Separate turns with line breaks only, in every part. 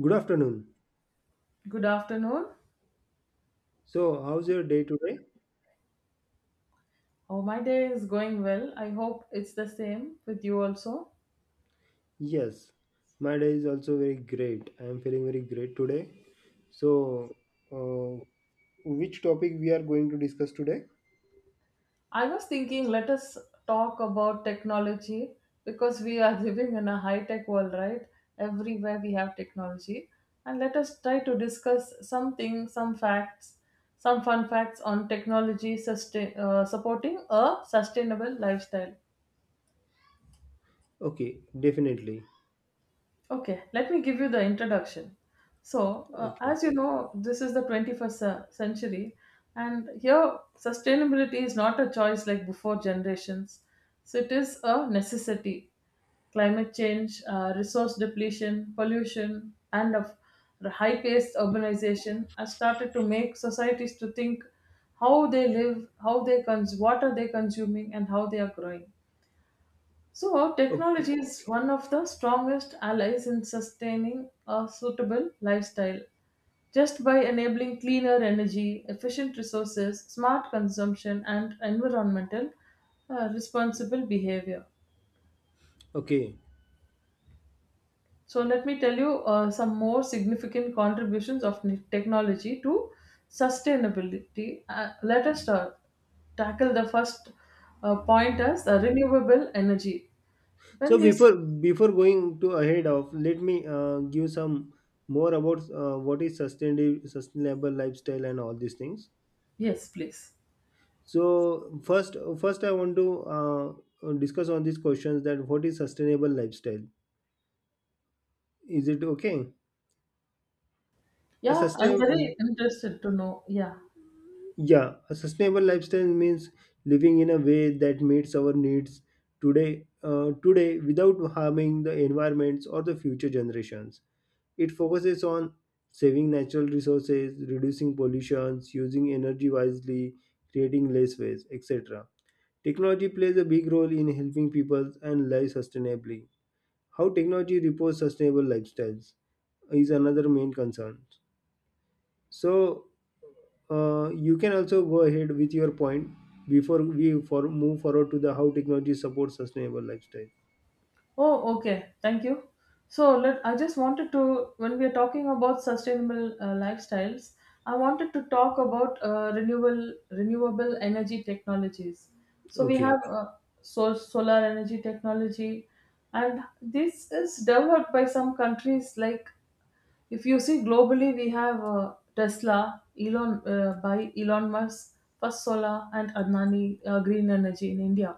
Good afternoon.
Good afternoon.
So, how's your day today?
Oh, my day is going well. I hope it's the same with you also.
Yes, my day is also very great. I am feeling very great today. So, uh, which topic we are going to discuss today?
I was thinking, let us talk about technology because we are living in a high tech world, right? Everywhere we have technology. And let us try to discuss something, some facts, some fun facts on technology supporting a sustainable lifestyle.
Okay, definitely.
Okay, let me give you the introduction. So,
Okay,
as you know, this is the 21st century, and here sustainability is not a choice like before generations. So, it is a necessity. Climate change, resource depletion, pollution, and of high-paced urbanization has started to make societies to think how they live, what are they consuming, and how they are growing. So,
okay,
technology is one of the strongest allies in sustaining a suitable lifestyle. Just by enabling cleaner energy, efficient resources, smart consumption, and environmental responsible behavior.
okay.
So, let me tell you some more significant contributions of technology to sustainability. Let us start tackle the first point as renewable energy.
So
When you
before
see,
before going to ahead of, let me give some more about what is sustainable lifestyle and all these things.
yes, please.
So first I want to discuss on these questions that what is sustainable lifestyle. Is it okay? A
Yeah, I'm
sustain,
very interested to know. Yeah.
yeah, a sustainable lifestyle means living in a way that meets our needs today without harming the environments or the future generations. It focuses on saving natural resources, reducing pollutions, using energy wisely, creating less waste, etc. Technology plays a big role in helping people and live sustainably. How technology reports sustainable lifestyles is another main concern. So you can also go ahead with your point before we for move forward to the how technology supports sustainable lifestyle.
Oh, okay. Thank you. So let I just wanted to when we are talking about sustainable lifestyles, I wanted to talk about renewable energy technologies. So we
Okay.
have so solar energy technology, and this is developed by some countries like if you see globally, we have Tesla, Elon Musk, First Solar, and Adnani Green Energy in India.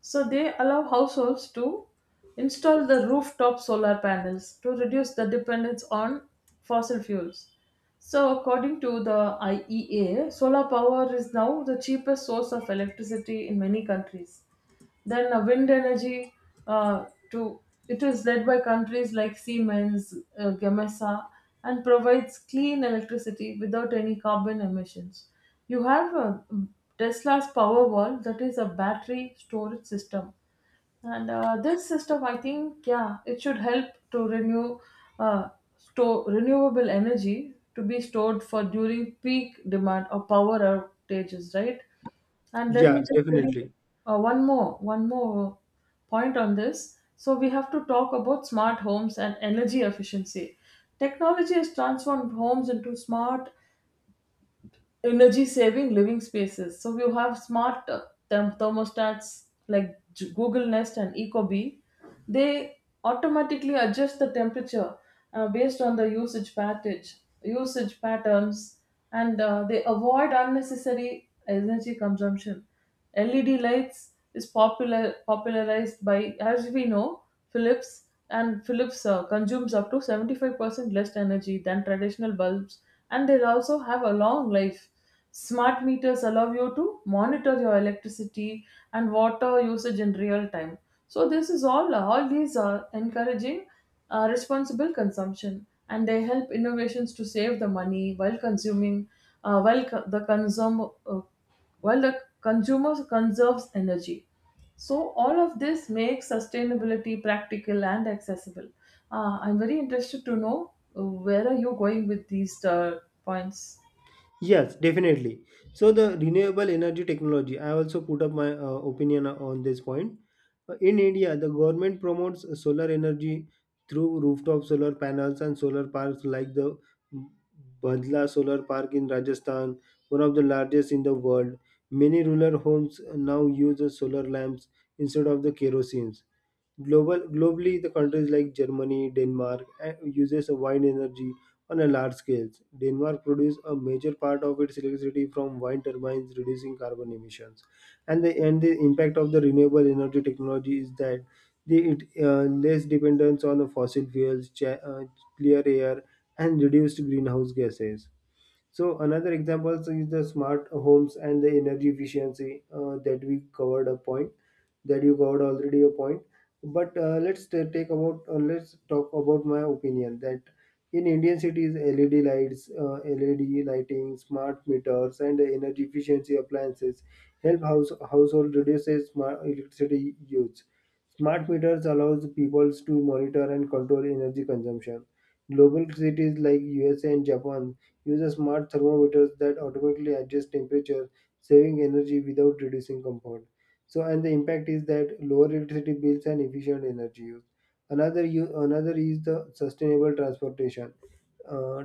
So they allow households to install the rooftop solar panels to reduce the dependence on fossil fuels. So, according to the IEA, solar power is now the cheapest source of electricity in many countries. Then wind energy uh, to it is led by countries like Siemens, Gamesa, and provides clean electricity without any carbon emissions. You have Tesla's Powerwall, that is a battery storage system, and this system, I think, yeah, it should help to renew uh, store renewable energy to be stored for during peak demand or power outages, right? And let me
Yeah,
just tell you
definitely.
one more point on this. So we have to talk about smart homes and energy efficiency. Technology has transformed homes into smart energy saving living spaces. So you have smart thermostats like Google Nest and Ecobee. They automatically adjust the temperature based on the usage patterns, and they avoid unnecessary energy consumption. LED lights is popularized by, as we know, Philips, and Philips consumes up to 75% less energy than traditional bulbs, and they also have a long life. Smart meters allow you to monitor your electricity and water usage in real time. So this is all. All these are encouraging responsible consumption, and they help innovations to save the money while consuming, uh, while co- the consum- uh, while the consumer conserves energy. So, all of this makes sustainability practical and accessible. I'm very interested to know where are you going with these points.
Yes, definitely. So the renewable energy technology, I also put up my opinion on this point. In India, the government promotes solar energy through rooftop solar panels and solar parks like the Badla Solar Park in Rajasthan, one of the largest in the world. Many rural homes now use the solar lamps instead of the kerosene. Globally, the countries like Germany, Denmark uses a wind energy on a large scale. Denmark produces a major part of its electricity from wind turbines, reducing carbon emissions. And the impact of the renewable energy technology is that it less dependence on the fossil fuels, clear air, and reduced greenhouse gases. So another example, so, is the smart homes and the energy efficiency that we covered a point that you covered already a point. But let's talk about my opinion that in Indian cities, LED lighting, smart meters, and energy efficiency appliances help household reduces smart electricity use. Smart meters allows people to monitor and control energy consumption. Global cities like USA and Japan use a smart thermometers that automatically adjust temperature, saving energy without reducing comfort. So, and the impact is that lower electricity bills and efficient energy use. Another is the sustainable transportation. Uh,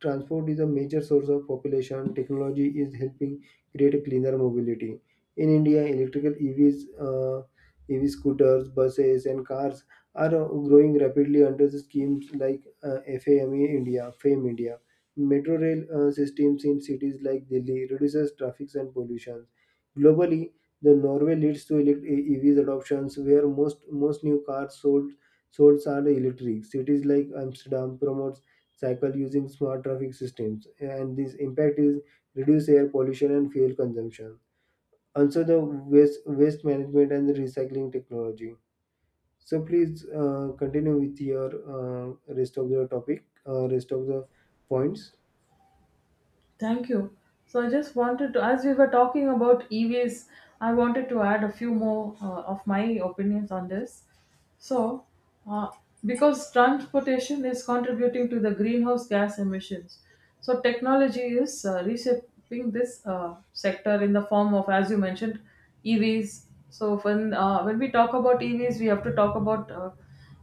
Transport is a major source of population. Technology is helping create a cleaner mobility. In India, EV scooters, buses, and cars are growing rapidly under the schemes like FAME India. Metro rail systems in cities like Delhi reduces traffic and pollution. Globally, the Norway leads to EVs adoptions, where most new cars sold are electric. Cities like Amsterdam promotes cycle using smart traffic systems, and this impact is reduce air pollution and fuel consumption. Also the waste management and the recycling technology, so please continue with your uh, rest of the points.
Thank you. So I just wanted to, as we were talking about EVs, I wanted to add a few more of my opinions on this. So, uh, because transportation is contributing to the greenhouse gas emissions, so technology is reshaping this sector in the form of, as you mentioned, EVs. So when we talk about EVs, we have to talk about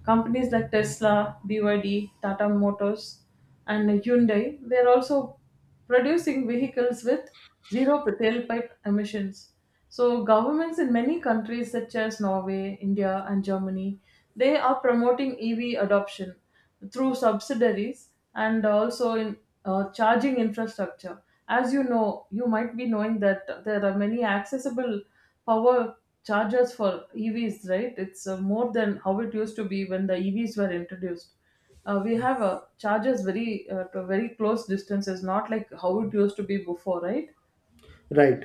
companies like Tesla, BYD, Tata Motors, and Hyundai. They are also producing vehicles with zero tailpipe emissions. So governments in many countries such as Norway, India and Germany, they are promoting EV adoption through subsidiaries and also in charging infrastructure. As you know, you might be knowing that there are many accessible power chargers for EVs, right? It's more than how it used to be when the EVs were introduced. We have charges very to very close distances, not like how it used to be before, right?
Right,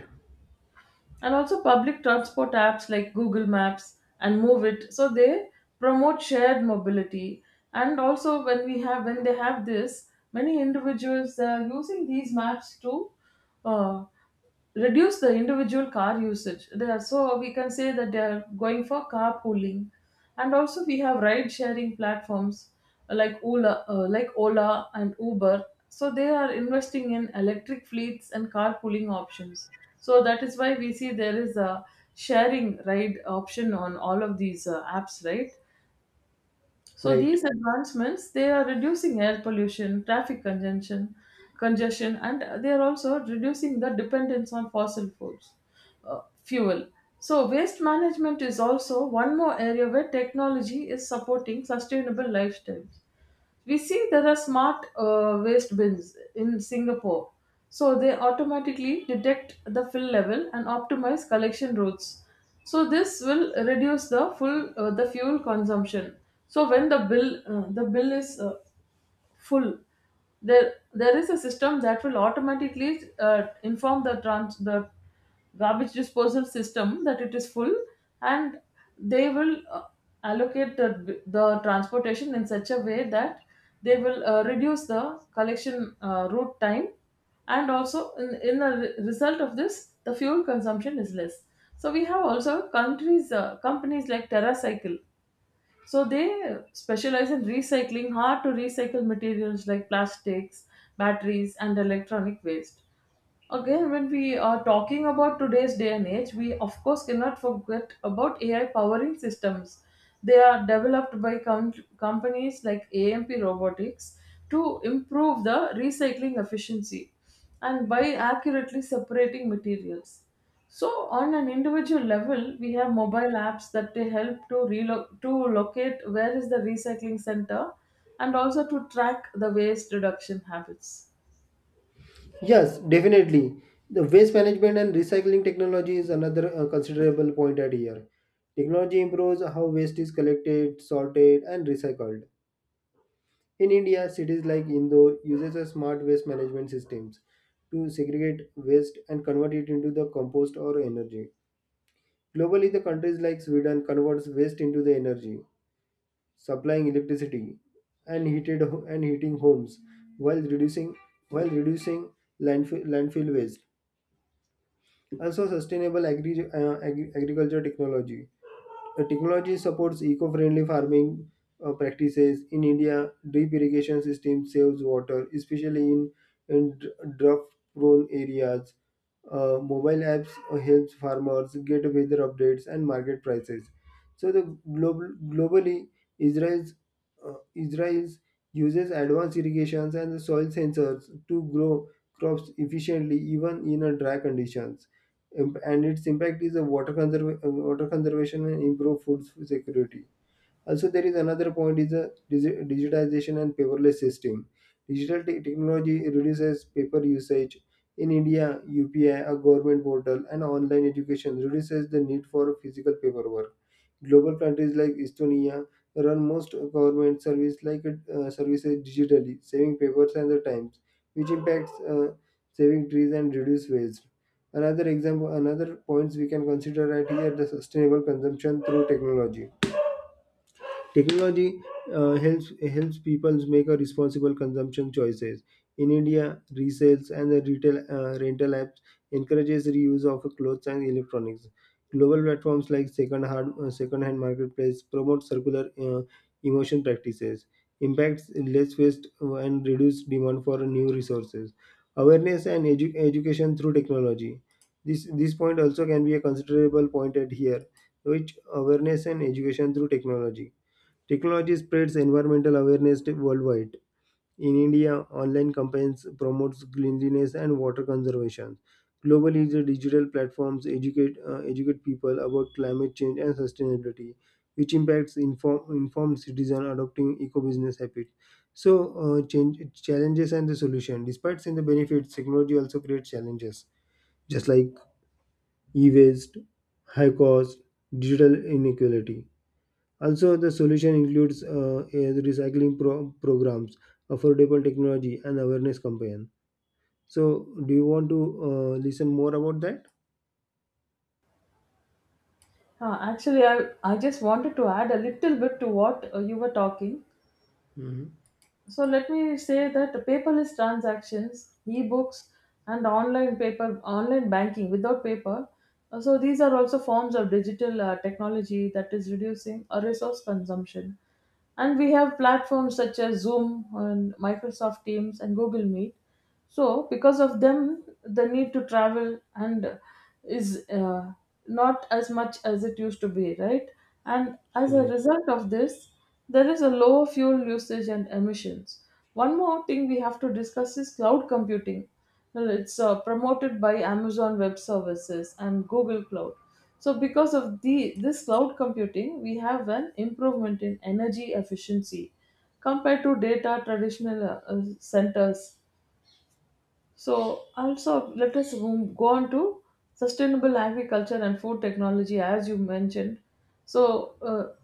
And also public transport apps like Google Maps and Move It, so they promote shared mobility. And also when they have this, many individuals are using these maps to uh, reduce the individual car usage. They are, so we can say that they are going for carpooling, and also we have ride sharing platforms like Ola and Uber. So they are investing in electric fleets and carpooling options. So that is why we see there is a sharing ride option on all of these apps, right? So
right.
these advancements, they are reducing air pollution, traffic congestion, and they are also reducing the dependence on fossil fuel. So waste management is also one more area where technology is supporting sustainable lifestyles. We see there are smart waste bins in Singapore, so they automatically detect the fill level and optimize collection routes. So this will reduce the full the fuel consumption. So when the bill is full, there is a system that will automatically inform the trans the garbage disposal system that it is full, and they will allocate the transportation in such a way that they will reduce the collection route time, and also in the result of this the fuel consumption is less. So we have also countries companies like Terracycle, so they specialize in recycling hard to recycle materials like plastics, batteries, and electronic waste. Again, when we are talking about today's day and age, we of course cannot forget about AI powering systems. They are developed by companies like AMP Robotics to improve the recycling efficiency and by accurately separating materials. So, on an individual level, we have mobile apps that they help to locate where is the recycling center, and also to track the waste reduction habits.
Yes, definitely. The waste management and recycling technology is another considerable point at here. Technology improves how waste is collected, sorted and recycled. In India, cities like Indore uses a smart waste management systems to segregate waste and convert it into the compost or energy. Globally, the countries like Sweden converts waste into the energy, supplying electricity and heating homes while reducing while reducing landfill waste. Also, sustainable agriculture technology. Technology supports eco-friendly farming practices. In India, drip irrigation system saves water, especially in drought-prone areas. Mobile apps helps farmers get weather updates and market prices. So the globally Israel's Israel's uses advanced irrigations and the soil sensors to grow crops efficiently even in a dry conditions. And its impact is a water conservation and improve food security. Also, there is another point is a digitization and paperless system. Digital technology reduces paper usage. In India, UPI, a government portal, and online education reduces the need for physical paperwork. Global countries like Estonia run most government services digitally, saving papers and the times, which impacts saving trees and reduce waste. Another example, another points we can consider right here the sustainable consumption through technology. Technology uh, helps helps people make a responsible consumption choices. In India, resales and the retail rental apps encourages reuse of clothes and electronics. Global platforms like second hand marketplace promote circular emotion practices, impacts less waste and reduce demand for new resources. Awareness and education through technology. This point also can be a considerable point at here, which awareness and education through technology. Technology spreads environmental awareness worldwide. In India, online campaigns promotes cleanliness and water conservation. Globally, the digital platforms educate people about climate change and sustainability, which impacts informed citizen adopting eco-business habits. So, uh, change, challenges and the solution. Despite seeing the benefits, technology also creates challenges, just like e-waste, high cost, digital inequality. Also, the solution includes a programs, affordable technology, and awareness campaign. So, do you want to listen more about that?
Huh, actually, I just wanted to add a little bit to what you were talking.
Mhm.
So let me say that paperless transactions, e-books, and online banking without paper. So these are also forms of digital technology that is reducing resource consumption. And we have platforms such as Zoom and Microsoft Teams and Google Meet, so because of them the need to travel and is not as much as it used to be, right? And as a
Right.
result of this there is a lower fuel usage and emissions. One more thing we have to discuss is cloud computing. Well, it's promoted by Amazon Web Services and Google Cloud. So because of the this cloud computing we have an improvement in energy efficiency compared to data traditional centers. So also let us go on to sustainable agriculture and food technology, as you mentioned. So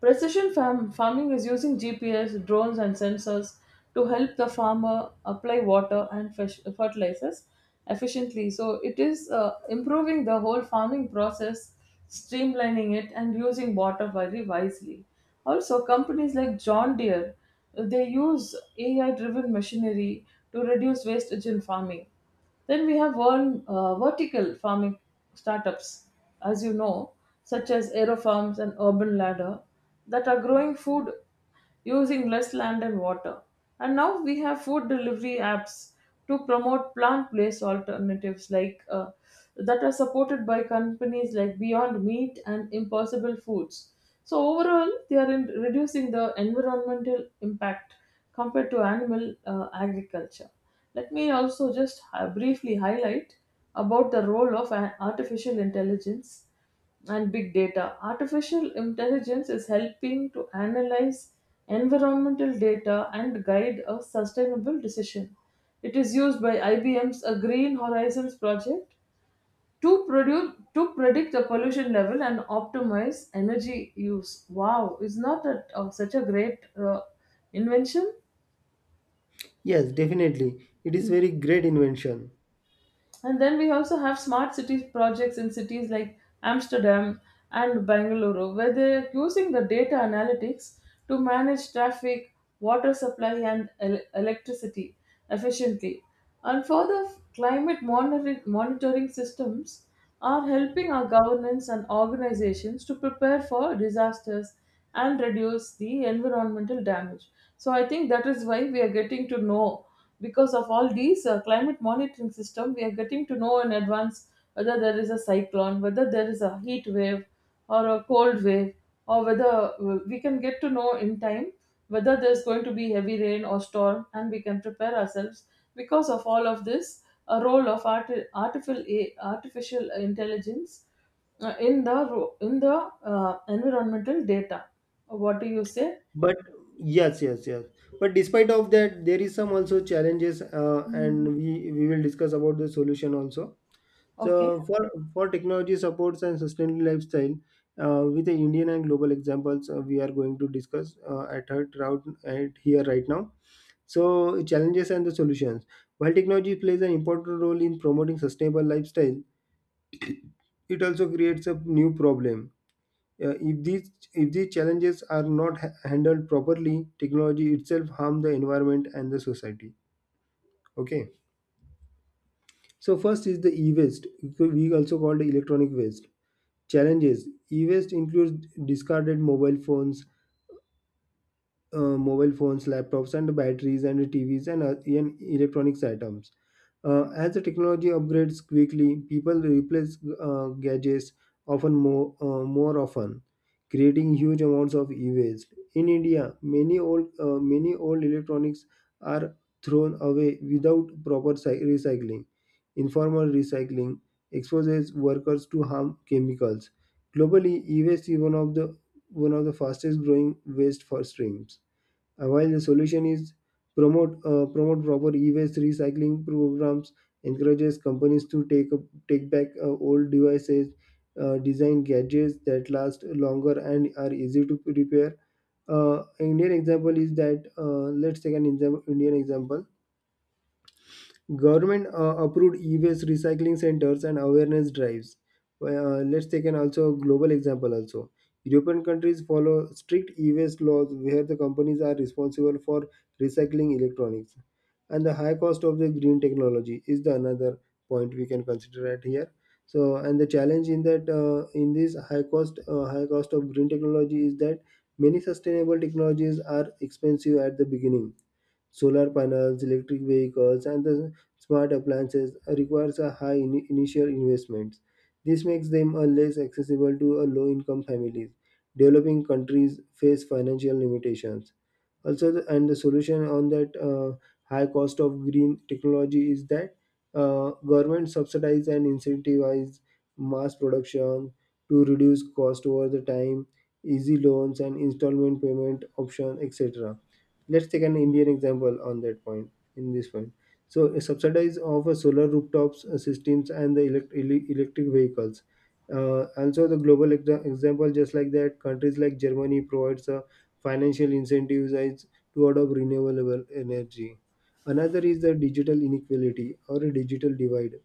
precision farming is using GPS, drones, and sensors to help the farmer apply water and fertilizers efficiently. So it is improving the whole farming process, streamlining it and using water very wisely. Also, companies like John Deere, they use AI-driven machinery to reduce wastage in farming. Then we have one vertical farming startups, as you know, such as Aerofarms and Urban Ladder, that are growing food using less land and water. And now we have food delivery apps to promote plant-based alternatives like that are supported by companies like Beyond Meat and Impossible Foods. So overall, they are in reducing the environmental impact compared to animal agriculture. Let me also just briefly highlight about the role of an artificial intelligence and big data. Artificial intelligence is helping to analyze environmental data and guide a sustainable decision. It is used by IBM's A Green Horizons project to predict the pollution level and optimize energy use. Wow, is not that such a great invention?
Yes, definitely. It is very great invention.
And then we also have smart cities projects in cities like Amsterdam and Bangalore, where they're using the data analytics to manage traffic, water supply, and electricity efficiently. And further, monitoring systems are helping our governments and organizations to prepare for disasters and reduce the environmental damage. So I think that is why we are getting to know because of all these climate monitoring system we are getting to know in advance whether there is a cyclone, whether there is a heat wave or a cold wave, or whether we can get to know in time whether there's going to be heavy rain or storm and we can prepare ourselves because of all of this, a role of artificial intelligence in the environmental data. What do you say?
But yes, yes, yes. But despite of that, there is some also challenges,
Mm.
and we will discuss about the solution also. So
Okay.
for technology supports and sustainable lifestyle, with the Indian and global examples, we are going to discuss at here right now. So challenges and the solutions. While technology plays an important role in promoting sustainable lifestyle, it also creates a new problem. If these challenges are not handled properly, technology itself harm the environment and the society. Okay. So first is the e-waste, we also called electronic waste. Challenges e waste includes discarded mobile phones, laptops, and batteries, and TVs, and electronics items. As the technology upgrades quickly, people replace gadgets more often, creating huge amounts of e-waste. In India, many old electronics are thrown away without proper recycling. Informal recycling exposes workers to harm chemicals. Globally, e-waste is one of the fastest growing waste for streams. While the solution is promote proper e-waste recycling programs, encourages companies to take back old devices, design gadgets that last longer and are easy to repair. Indian example is that let's take an exam- Indian example: government approved e-waste recycling centers and awareness drives. Well, let's take an also global example also. European countries follow strict e-waste laws where the companies are responsible for recycling electronics. And the high cost of the green technology is the another point we can consider at here. So and the challenge in that in this high cost of green technology is that many sustainable technologies are expensive at the beginning. Solar panels, electric vehicles, and the smart appliances requires a initial investments. This makes them less accessible to low-income families. Developing countries face financial limitations. Also, the solution on that high cost of green technology is that government subsidize and incentivize mass production to reduce cost over the time, easy loans and installment payment option, etc. Let's take an Indian example on that point in this point. So a subsidize of a solar rooftops systems and the electric vehicles. Also the global exa- example, just like that, countries like Germany provides a financial incentives as- to adopt renewable energy. Another is the digital inequality or a digital divide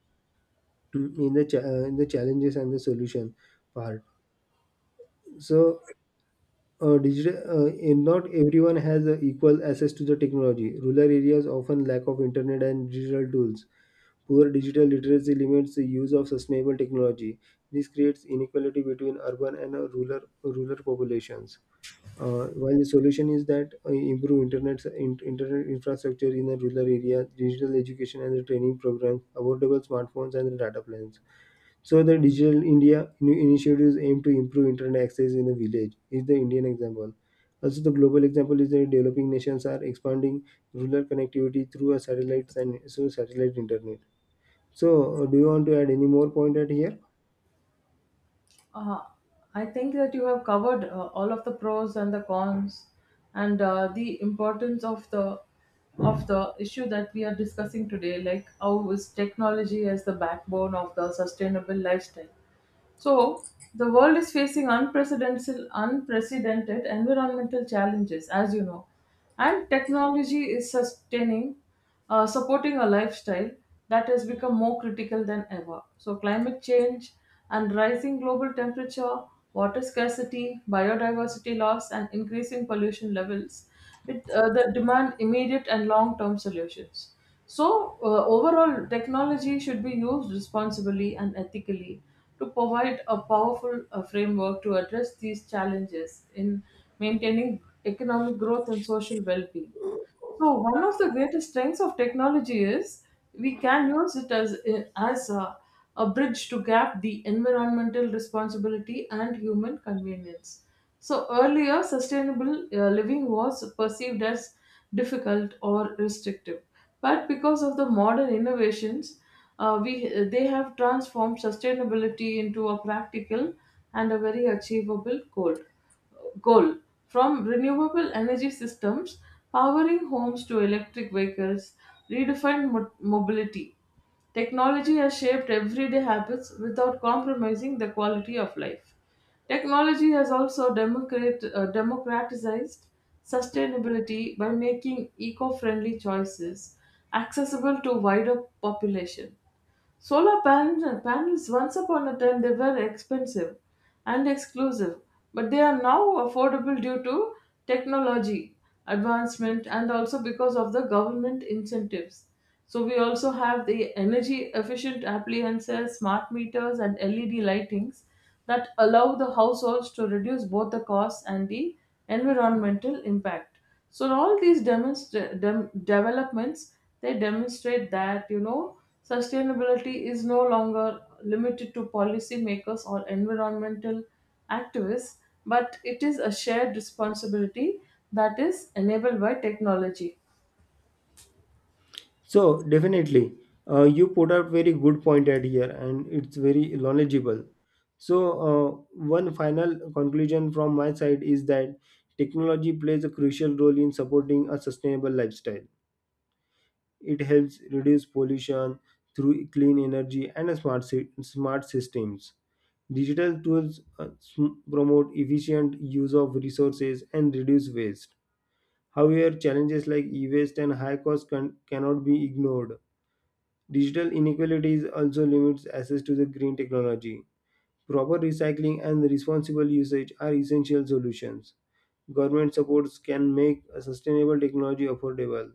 in the in the challenges and the solution part. So uh, digital, uh, not everyone has equal access to the technology. Rural areas often lack of internet and digital tools. Poor digital literacy limits the use of sustainable technology. This creates inequality between urban and rural populations. While the solution is that improve internet infrastructure in the rural area, digital education and the training programs, affordable smartphones and the data plans. So the Digital India initiatives aim to improve internet access in the village is the Indian example. Also, the global example is that developing nations are expanding rural connectivity through a satellites and so satellite internet. So, do you want to add any more point at here?
Uh, I think that you have covered all of the pros and the cons and the importance of the issue that we are discussing today, like how is technology as the backbone of the sustainable lifestyle. So, the world is facing unprecedented environmental challenges, as you know, and technology is supporting a lifestyle that has become more critical than ever. So, climate change and rising global temperature, water scarcity, biodiversity loss, and increasing pollution levels, it the demand immediate and long-term solutions. So, overall, technology should be used responsibly and ethically to provide a powerful framework to address these challenges in maintaining economic growth and social well being. So one of the greatest strengths of technology is we can use it as a bridge to gap the environmental responsibility and human convenience. So earlier, sustainable living was perceived as difficult or restrictive, but because of the modern innovations, we they have transformed sustainability into a practical and a very achievable goal, from renewable energy systems powering homes to electric vehicles redefined mobility. Technology has shaped everyday habits without compromising the quality of life. Technology has also democratized sustainability by making eco-friendly choices accessible to wider population. Solar panels, once upon a time, they were expensive and exclusive, but they are now affordable due to technology advancement and also because of the government incentives. So, we also have the energy efficient appliances, smart meters, and LED lightings that allow the households to reduce both the costs and the environmental impact. So all these developments, they demonstrate that sustainability is no longer limited to policymakers or environmental activists, but it is a shared responsibility that is enabled by technology.
So definitely, you put up very good point at here, and it's very knowledgeable. So uh, one final conclusion from my side is that technology plays a crucial role in supporting a sustainable lifestyle. It helps reduce pollution through clean energy and smart systems. Digital tools promote efficient use of resources and reduce waste. However, challenges like e-waste and high cost cannot be ignored. Digital inequalities also limits access to the green technology. Proper recycling and responsible usage are essential solutions. Government supports can make a sustainable technology affordable.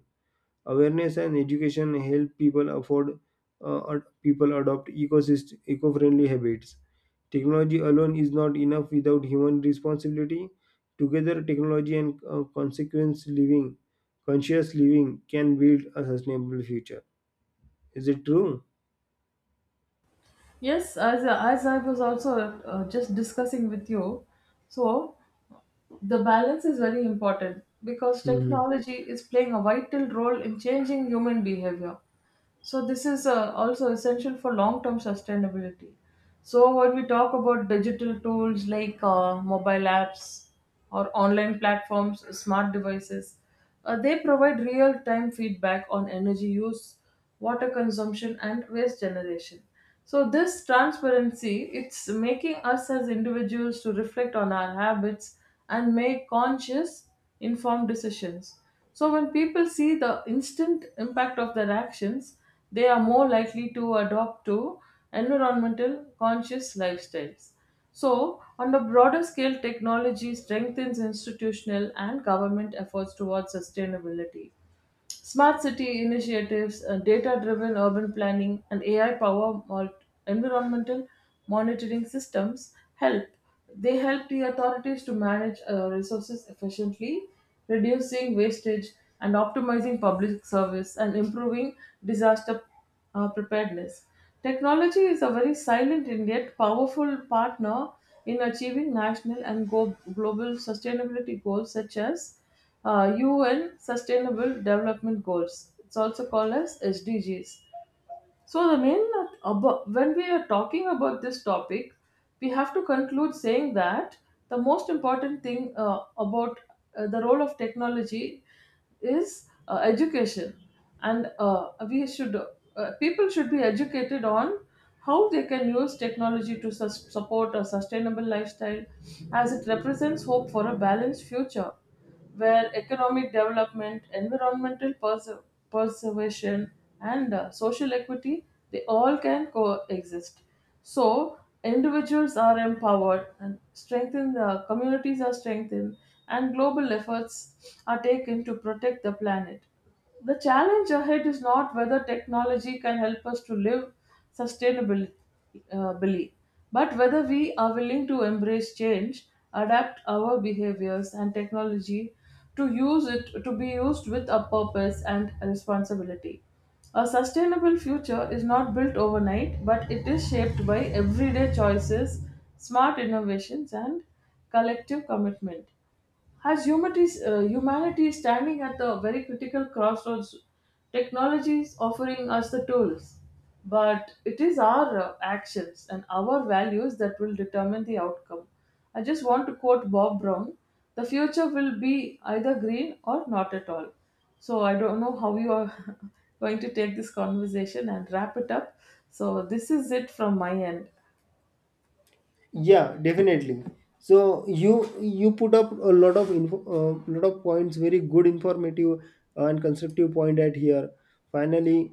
Awareness and education help people people adopt ecosystem eco-friendly habits. Technology alone is not enough without human responsibility. Together, technology and conscious living can build a sustainable future. Is it true?
Yes, as I was also just discussing with you, so the balance is very important because
Mhm.
technology is playing a vital role in changing human behavior. So this is also essential for long-term sustainability. So when we talk about digital tools like mobile apps or online platforms, smart devices, they provide real time feedback on energy use, water consumption, and waste generation. So, this transparency it's making us as individuals to reflect on our habits and make conscious, informed decisions. So, when people see the instant impact of their actions, they are more likely to adopt to environmental conscious lifestyles. So, on a broader scale, technology strengthens institutional and government efforts towards sustainability. Smart city initiatives, data driven urban planning, and AI powered environmental monitoring systems help. They help the authorities to manage resources efficiently, reducing wastage and optimizing public service and improving disaster preparedness. Technology is a very silent and yet powerful partner in achieving national and global sustainability goals such as UN Sustainable Development Goals. It's also called as SDGs. So the when we are talking about this topic, we have to conclude saying that the most important thing about the role of technology is education, and we should people should be educated on how they can use technology to support a sustainable lifestyle as it represents hope for a balanced future where economic development, environmental preservation, and social equity, they all can coexist. So individuals are empowered and strengthened, the communities are strengthened, and global efforts are taken to protect the planet. The challenge ahead is not whether technology can help us to live sustainably, uh, billy, but whether we are willing to embrace change, adapt our behaviors and technology to use it to be used with a purpose and responsibility. A sustainable future is not built overnight, but it is shaped by everyday choices, smart innovations, and collective commitment. As humanity is standing at the very critical crossroads, technology is offering us the tools, but it is our actions and our values that will determine the outcome. I just want to quote Bob Brown, the future will be either green or not at all. So I don't know how you are going to take this conversation and wrap it up. So this is it from my end.
Yeah, definitely. So you you put up a lot of info, lot of points, very good, informative and constructive point at here. Finally,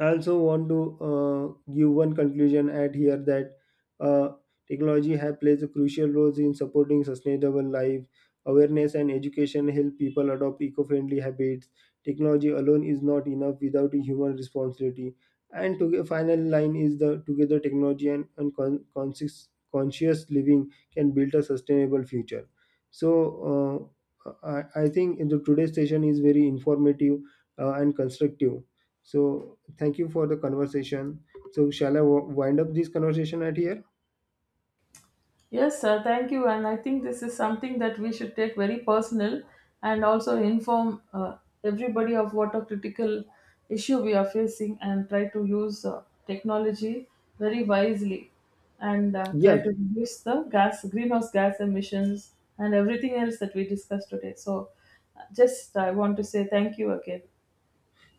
I also want to give one conclusion at here that uh, technology have plays a crucial role in supporting sustainable life. Awareness and education help people adopt eco-friendly habits. Technology alone is not enough without a human responsibility. And to final line is the together technology and conscious living can build a sustainable future. So I think the today's session is very informative and constructive. So thank you for the conversation. So shall I wind up this conversation at here?
Yes, sir. Thank you. And I think this is something that we should take very personal and also inform everybody of what a critical issue we are facing and try to use technology very wisely and try
Yes.
to reduce the gas, greenhouse gas emissions and everything else that we discussed today. So, just I want to say thank you again.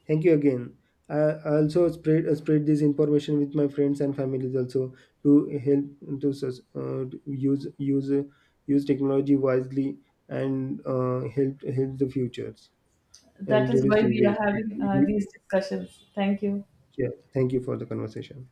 Thank you again. I also spread this information with my friends and families also to help to use technology wisely and help the futures
That
and
is
reduce
why
the
we are
waste.
having these discussions. Thank you.
Yeah. Thank you for the conversation.